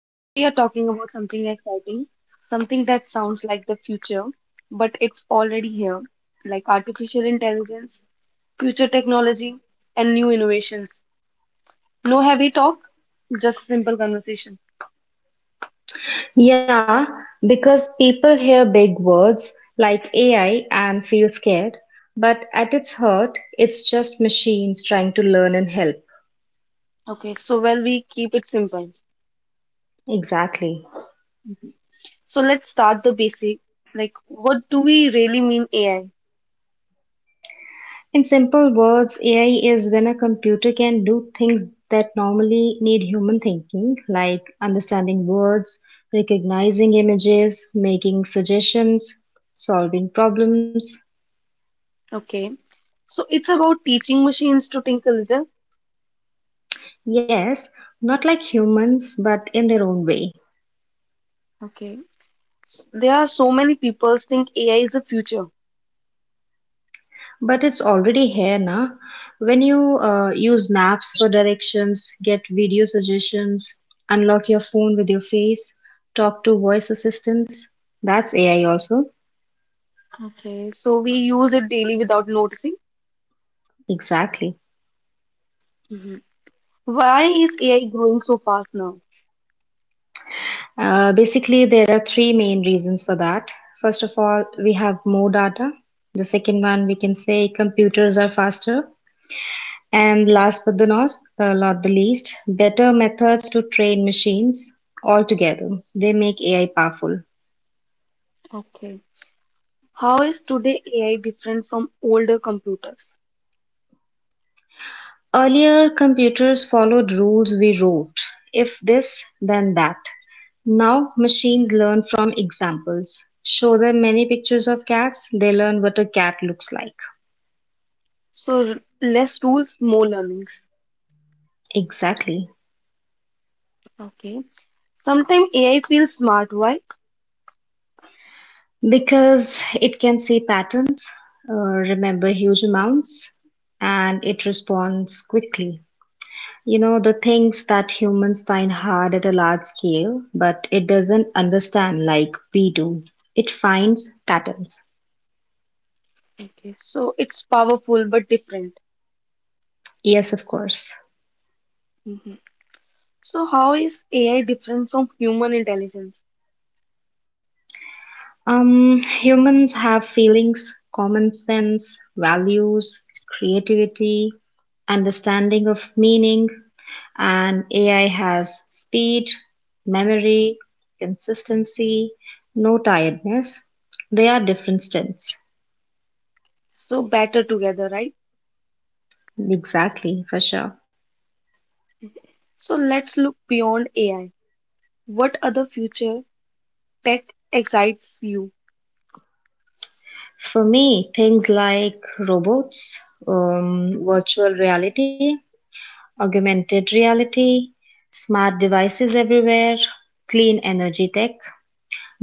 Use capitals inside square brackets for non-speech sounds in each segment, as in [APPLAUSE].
Today we are talking about something exciting, something that sounds like the future, but it's already here, like artificial intelligence, future technology, and new innovations. No heavy talk, just simple conversation. Yeah, because people hear big words like AI and feel scared, but at its heart, it's just machines trying to learn and help. Okay, so well we keep it simple. Exactly. So let's start the basic. Like, what do we really mean AI? In simple words, AI is when a computer can do things that normally need human thinking, like understanding words, recognizing images, making suggestions, solving problems. Okay, so it's about teaching machines to think a little. Yes, not like humans, but in their own way. Okay, there are so many people think AI is the future. But it's already here now. When you use maps for directions, get video suggestions, unlock your phone with your face, talk to voice assistants, that's AI also. Okay, so we use it daily without noticing. Exactly. hmm Why is AI growing so fast now? Basically, there are three main reasons for that. First of all, we have more data. The second one, we can say computers are faster. And last but the not, not the least, better methods to train machines altogether. They make AI powerful. Okay. How is today AI different from older computers? Earlier, computers followed rules we wrote, if this, then that. Now, machines learn from examples. Show them many pictures of cats, they learn what a cat looks like. So r- Less rules, more learnings. Exactly. Okay. Sometimes AI feels smart, why? Because it can see patterns, remember huge amounts, and it responds quickly. You know, the things that humans find hard at a large scale, but it doesn't understand like we do. It finds patterns. Okay. So it's powerful but different. Yes, of course. hmm So how is AI different from human intelligence? Humans have feelings, common sense, values, creativity, understanding of meaning, and AI has speed, memory, consistency, no tiredness. They are different stints. So better together, right? Exactly, for sure. So let's look beyond AI. What other future tech excites you? For me, things like robots, virtual reality, augmented reality, smart devices everywhere, clean energy tech,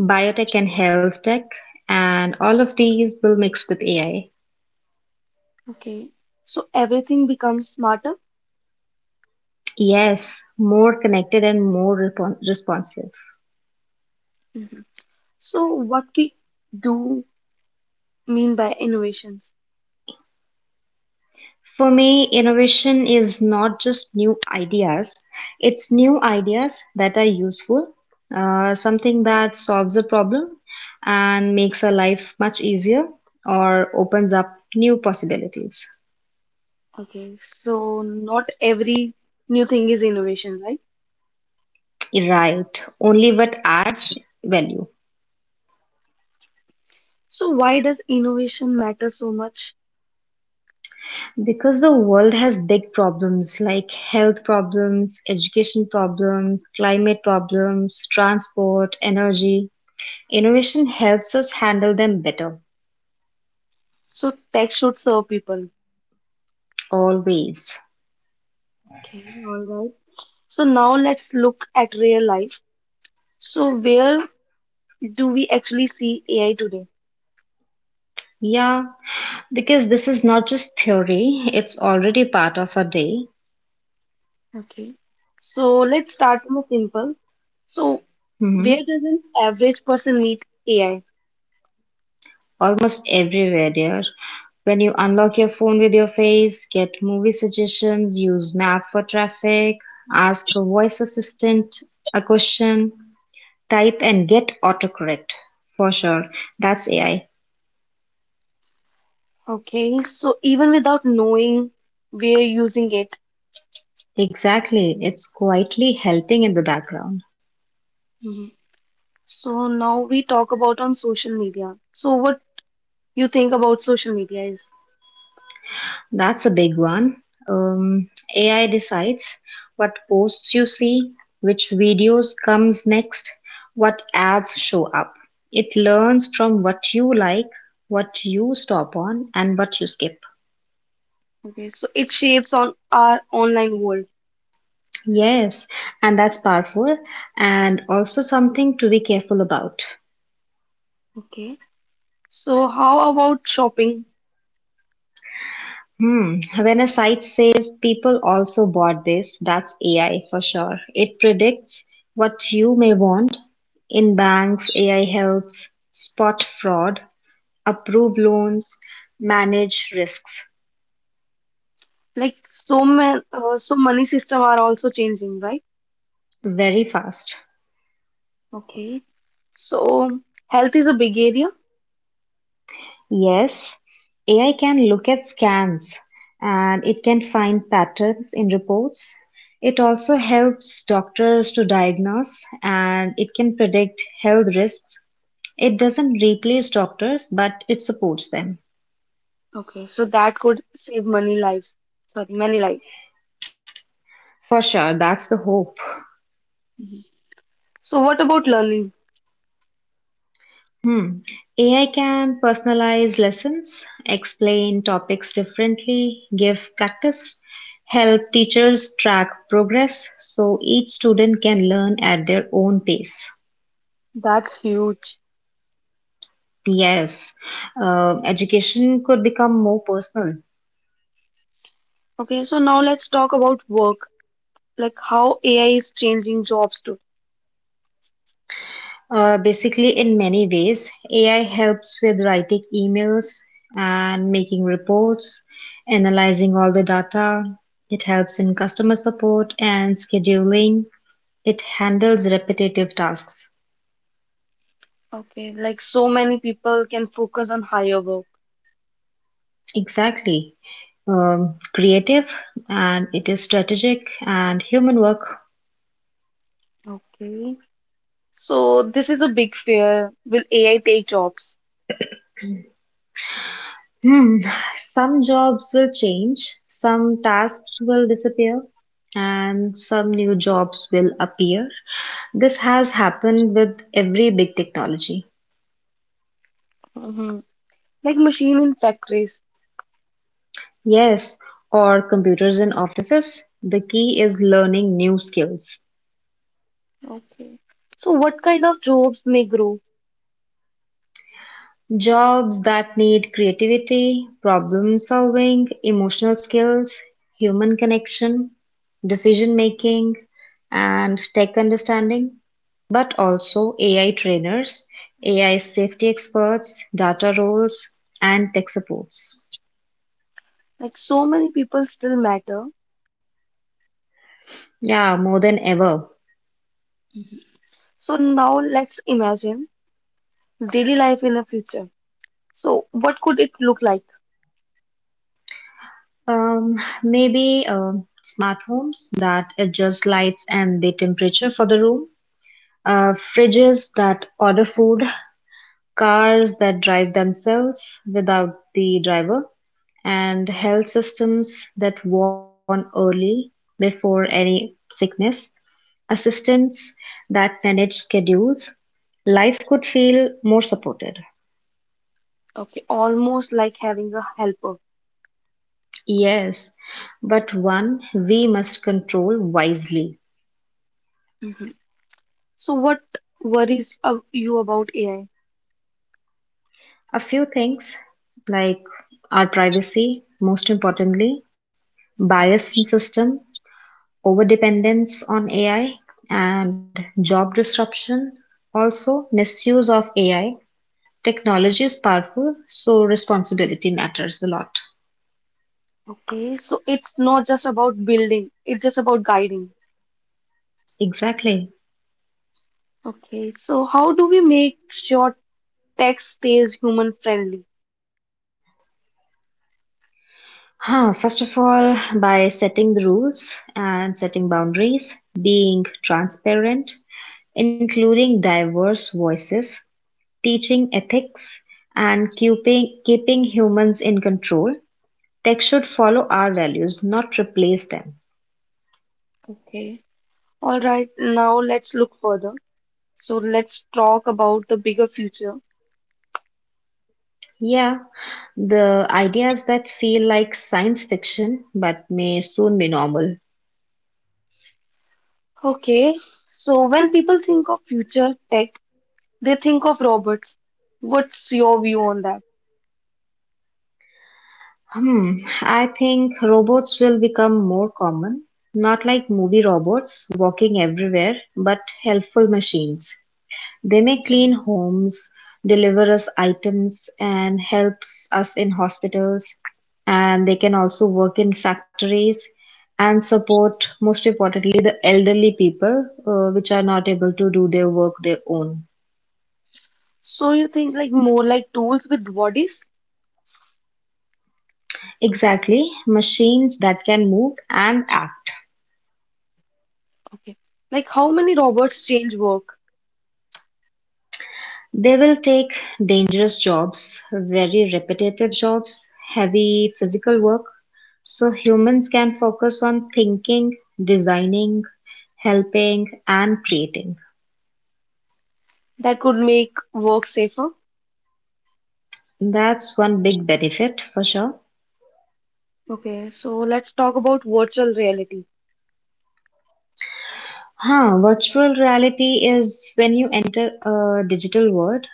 biotech and health tech, and all of these will mix with AI. Okay. So everything becomes smarter. Yes, more connected and more responsive. Mhm. So what we do mean by innovations? For me, innovation is not just new ideas, it's new ideas that are useful, something that solves a problem and makes our life much easier or opens up new possibilities. Okay. So not every new thing is innovation, right? Right, only what adds value. So why does innovation matter so much? Because the world has big problems like health problems, education problems, climate problems, transport, energy, innovation helps us handle them better, So tech should serve people. always. Okay. All right. So now let's look at real life. So where do we actually see AI today? Yeah, because this is not just theory, it's already part of our day. Okay. So let's start from the simple. So where Mhm. does an average person meet AI? Almost everywhere, dear. When you unlock your phone with your face, get movie suggestions, use map for traffic, ask a voice assistant a question, type and get autocorrect. For sure. That's AI. Okay, so even without knowing, we're using it. Exactly. It's quietly helping in the background. Mhm. So now we talk about on social media. So what you think about social media is? That's a big one. Um, AI decides what posts you see, which videos comes next, what ads show up. It learns from what you like, what you stop on, and what you skip. Okay, so it shapes on our online world. Yes, and that's powerful, and also something to be careful about. Okay, so how about shopping? Hmm. When a site says people also bought this, that's AI for sure. It predicts what you may want. In banks, AI helps spot fraud, approve loans, manage risks Like so many, money system are also changing, right? very fast. Okay, so health is a big area. Yes, AI can look at scans and it can find patterns in reports. It also helps doctors to diagnose and it can predict health risks. It doesn't replace doctors, but it supports them. Okay, so that could save many lives. For sure, that's the hope. Mm-hmm. So, what about learning? Hmm. AI can personalize lessons, explain topics differently, give practice, help teachers track progress so each student can learn at their own pace. That's huge. Yes, education could become more personal. Okay, so now let's talk about work, like how AI is changing jobs too. Basically, in many ways, AI helps with writing emails and making reports, analyzing all the data. It helps in customer support and scheduling. It handles repetitive tasks. Okay, like so many people can focus on higher work. Exactly. Creative and it is strategic and human work. Okay, so this is a big fear. Will AI take jobs? Hmm, some jobs will change, some tasks will disappear, and some new jobs will appear. This has happened with every big technology. hmm Like machine in factories. Yes, or computers in offices. The key is learning new skills. Okay, so what kind of jobs may grow? Jobs that need creativity, problem solving, emotional skills, human connection, decision making, and tech understanding, but also AI trainers, AI safety experts, data roles, and tech supports. Like so many people still matter. Yeah, more than ever. So now let's imagine daily life in the future. So what could it look like? Um, maybe smart homes that adjust lights and the temperature for the room, fridges that order food, cars that drive themselves without the driver, and health systems that warn early before any sickness, assistants that manage schedules, life could feel more supported. Okay, almost like having a helper. Yes, but one we must control wisely. Mhm. So, what worries of you about AI? A few things like our privacy, most importantly, bias in system, overdependence on AI and job disruption, also misuse of AI. Technology is powerful, so responsibility matters a lot. Okay, so it's not just about building, it's just about guiding. Exactly. Okay, so how do we make sure tech stays human friendly? Huh, first of all, by setting the rules and setting boundaries, being transparent, including diverse voices, teaching ethics, and keeping humans in control, tech should follow our values, not replace them. Okay. All right, now let's look further. So let's talk about the bigger future. Yeah, the ideas that feel like science fiction but may soon be normal. Okay, so when people think of future tech, they think of robots. What's your view on that? Hmm, I think robots will become more common, not like movie robots walking everywhere, but helpful machines. They may clean homes, deliver us items, and helps us in hospitals, and they can also work in factories and support, most importantly, the elderly people, which are not able to do their work their own. So you think like more like tools with bodies? Exactly, machines that can move and act. Okay. Like how many robots change work They will take dangerous jobs, very repetitive jobs, heavy physical work, so humans can focus on thinking, designing, helping, and creating. that could make work safer? That's one big benefit for sure. Okay, so let's talk about virtual reality. Huh, virtual reality is when you enter a digital world,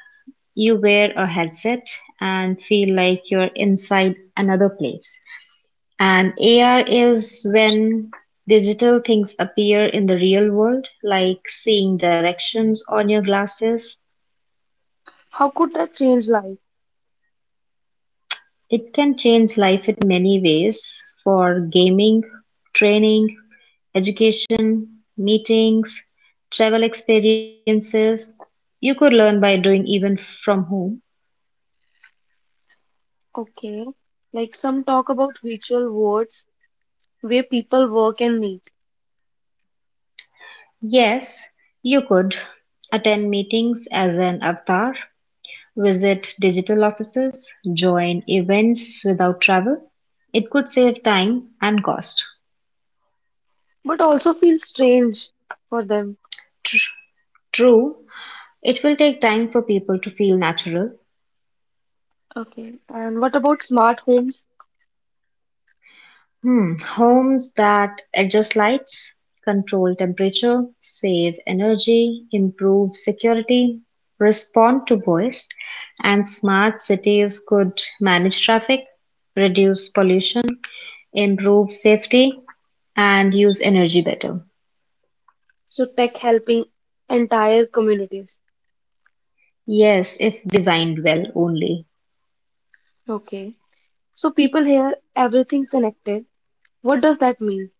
you wear a headset and feel like you're inside another place. And AR is when digital things appear in the real world, like seeing directions on your glasses. How could that change life? It can change life in many ways for gaming, training, education, meetings, travel experiences. You could learn by doing even from home. Okay, like some talk about virtual worlds where people work and meet, Yes, you could attend meetings as an avatar, visit digital offices, join events without travel. It could save time and cost. but also feel strange for them. True, it will take time for people to feel natural. Okay, and what about smart homes? Hmm, homes that adjust lights, control temperature, save energy, improve security, respond to voice, and smart cities could manage traffic, reduce pollution, improve safety, and use energy better. So tech helping entire communities. Yes, if designed well only. Okay, so people here everything connected. What does that mean?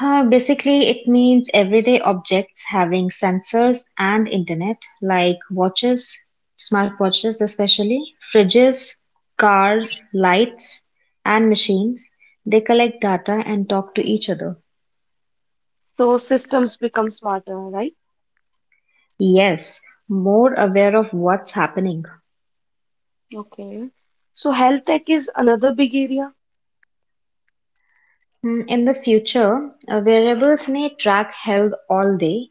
Basically, it means everyday objects having sensors and internet, like watches, smartwatches especially, fridges, cars, lights, and machines. They collect data and talk to each other. So systems become smarter, right? Yes, more aware of what's happening. Okay. So health tech is another big area. Hmm, in the future, wearables may track health all day,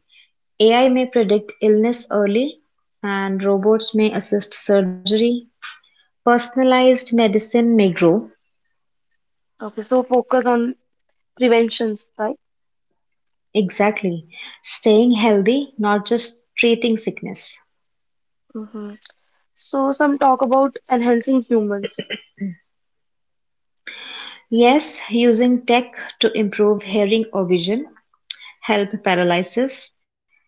AI may predict illness early, and robots may assist surgery, personalized medicine may grow, Okay, so focus on preventions, right? exactly. Staying healthy, not just treating sickness. Mm-hmm. So some talk about enhancing humans, Yes, using tech to improve hearing or vision, help paralysis,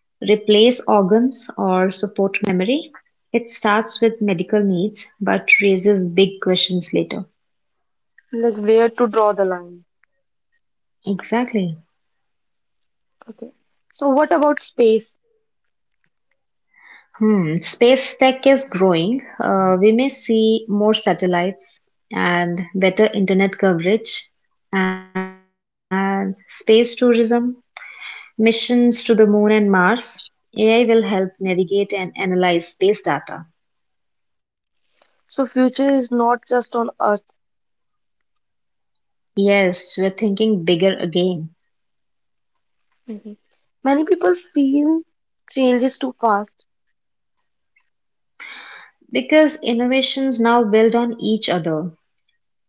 replace organs, or support memory. It starts with medical needs but raises big questions later. like where to draw the line. Exactly. Okay. So what about space? Hmm, space tech is growing. We may see more satellites and better internet coverage and space tourism, missions to the moon and Mars. AI will help navigate and analyze space data. So future is not just on Earth. Yes, we're thinking bigger again Mm-hmm. Many people feel change is too fast, because innovations now build on each other.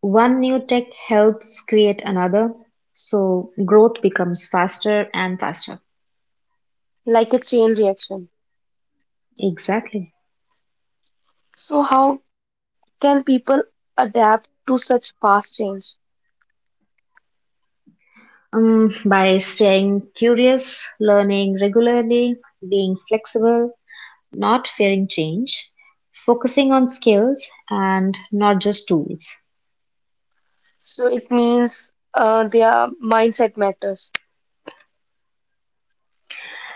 One new tech helps create another, so growth becomes faster and faster. like a chain reaction. Exactly. So how can people adapt to such fast change? By staying curious, learning regularly, being flexible, not fearing change, focusing on skills and not just tools. So it means their mindset matters.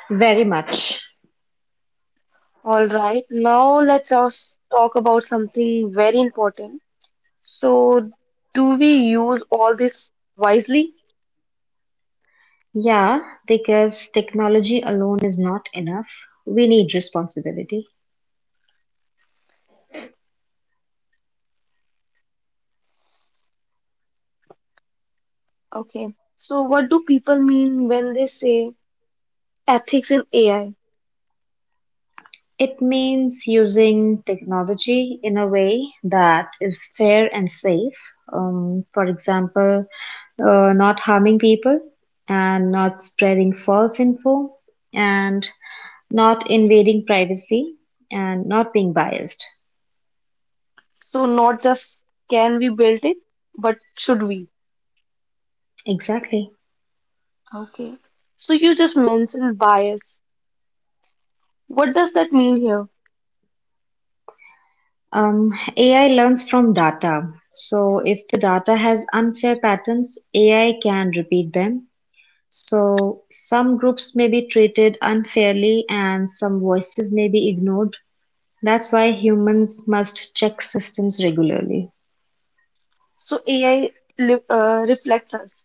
Very much. All right, now let's us talk about something very important. So, do we use all this wisely? Yeah, because technology alone is not enough. We need responsibility. Okay, so what do people mean when they say ethics in AI? It means using technology in a way that is fair and safe. For example, not harming people and not spreading false info and not invading privacy and not being biased. So, not just can we build it, but should we? Exactly. Okay, so you just mentioned bias. What does that mean here? Um, AI learns from data. So if the data has unfair patterns, AI can repeat them. So some groups may be treated unfairly and some voices may be ignored. That's why humans must check systems regularly. So, AI li uh, reflects us.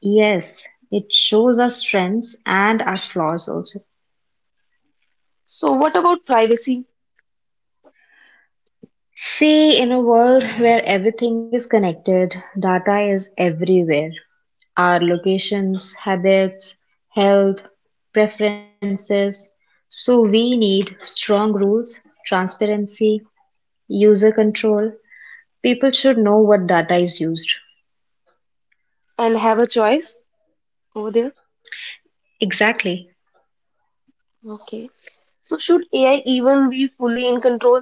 Yes, it shows our strengths and our flaws also. So, what about privacy See, in a world where everything is connected, data is everywhere. Our locations, habits, health, preferences. So we need strong rules, transparency, user control, people should know what data is used. and have a choice over there? Exactly. Okay. So should AI even be fully in control?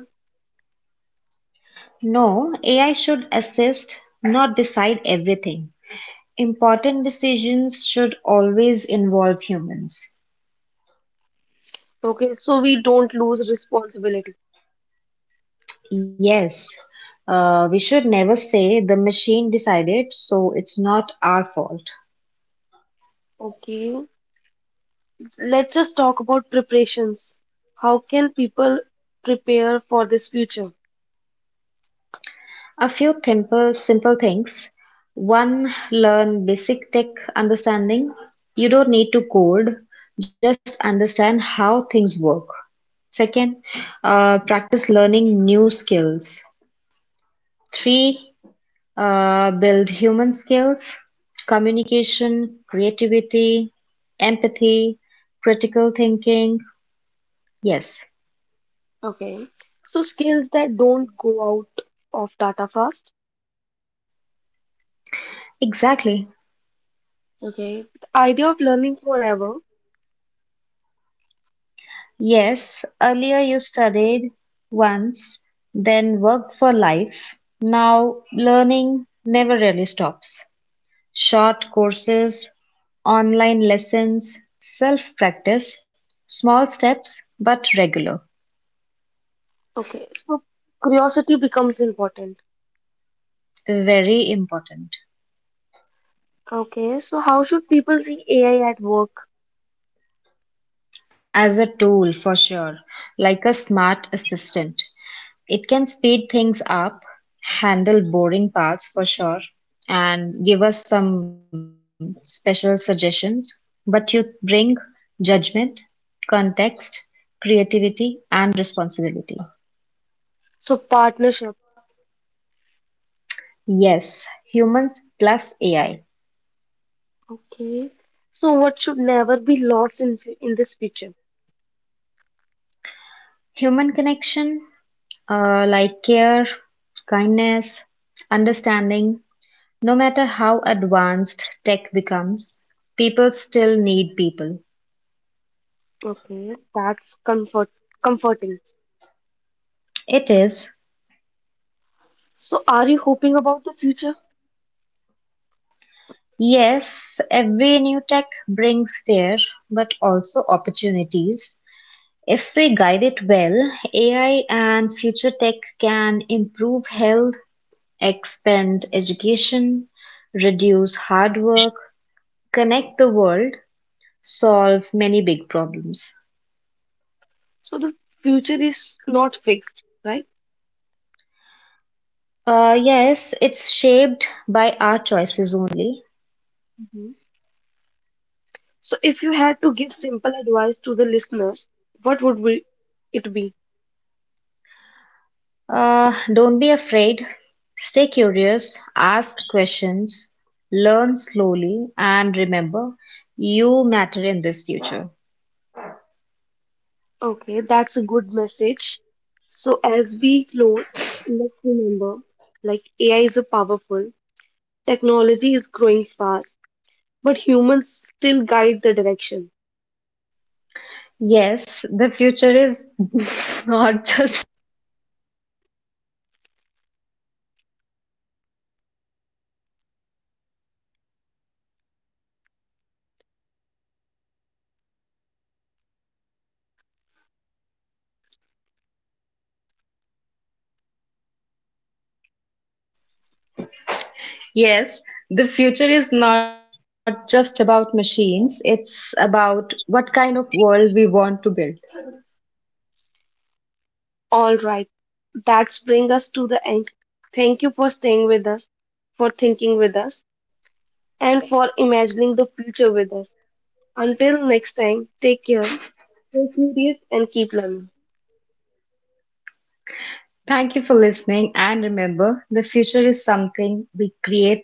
No, AI should assist, not decide everything. Important decisions should always involve humans. Okay, so we don't lose responsibility. Yes, we should never say the machine decided, so it's not our fault. Okay, let's just talk about preparations. How can people prepare for this future? A few simple things. One, learn basic tech understanding. You don't need to code, just understand how things work. Second, practice learning new skills. Three, build human skills, communication, creativity, empathy, critical thinking. Yes, Okay, so skills that don't go out of data fast. exactly. Okay, the idea of learning forever. Yes, earlier you studied once, then worked for life. Now learning never really stops. Short courses, online lessons, self practice, small steps but regular. Okay, so curiosity becomes important. Very important. Okay, so how should people see AI at work? As a tool for sure, like a smart assistant. It can speed things up, handle boring parts for sure, and give us some special suggestions. But you bring judgment, context, creativity, and responsibility. So partnership. Yes, humans plus AI. Okay, so what should never be lost in this future? Human connection, like care, kindness, understanding. No matter how advanced tech becomes, people still need people. Okay, that's comforting. It is. So are you hoping about the future? Yes, every new tech brings fear, but also opportunities. If we guide it well, AI and future tech can improve health, expand education, reduce hard work, connect the world, solve many big problems. So the future is not fixed, right? Yes, it's shaped by our choices only. Mhm. So if you had to give simple advice to the listeners, what would be it be? Don't be afraid. Stay curious, ask questions, learn slowly, and remember, you matter in this future. Okay, that's a good message. So as we close, let's remember like AI is a powerful, technology is growing fast, but humans still guide the direction. Yes, the future is [LAUGHS] not just, yes, the future is not just about machines, it's about what kind of world we want to build. All right, that's bring us to the end. Thank you for staying with us, for thinking with us, and for imagining the future with us. Until next time, take care, stay curious, and keep learning. Thank you for listening, and remember, the future is something we create together.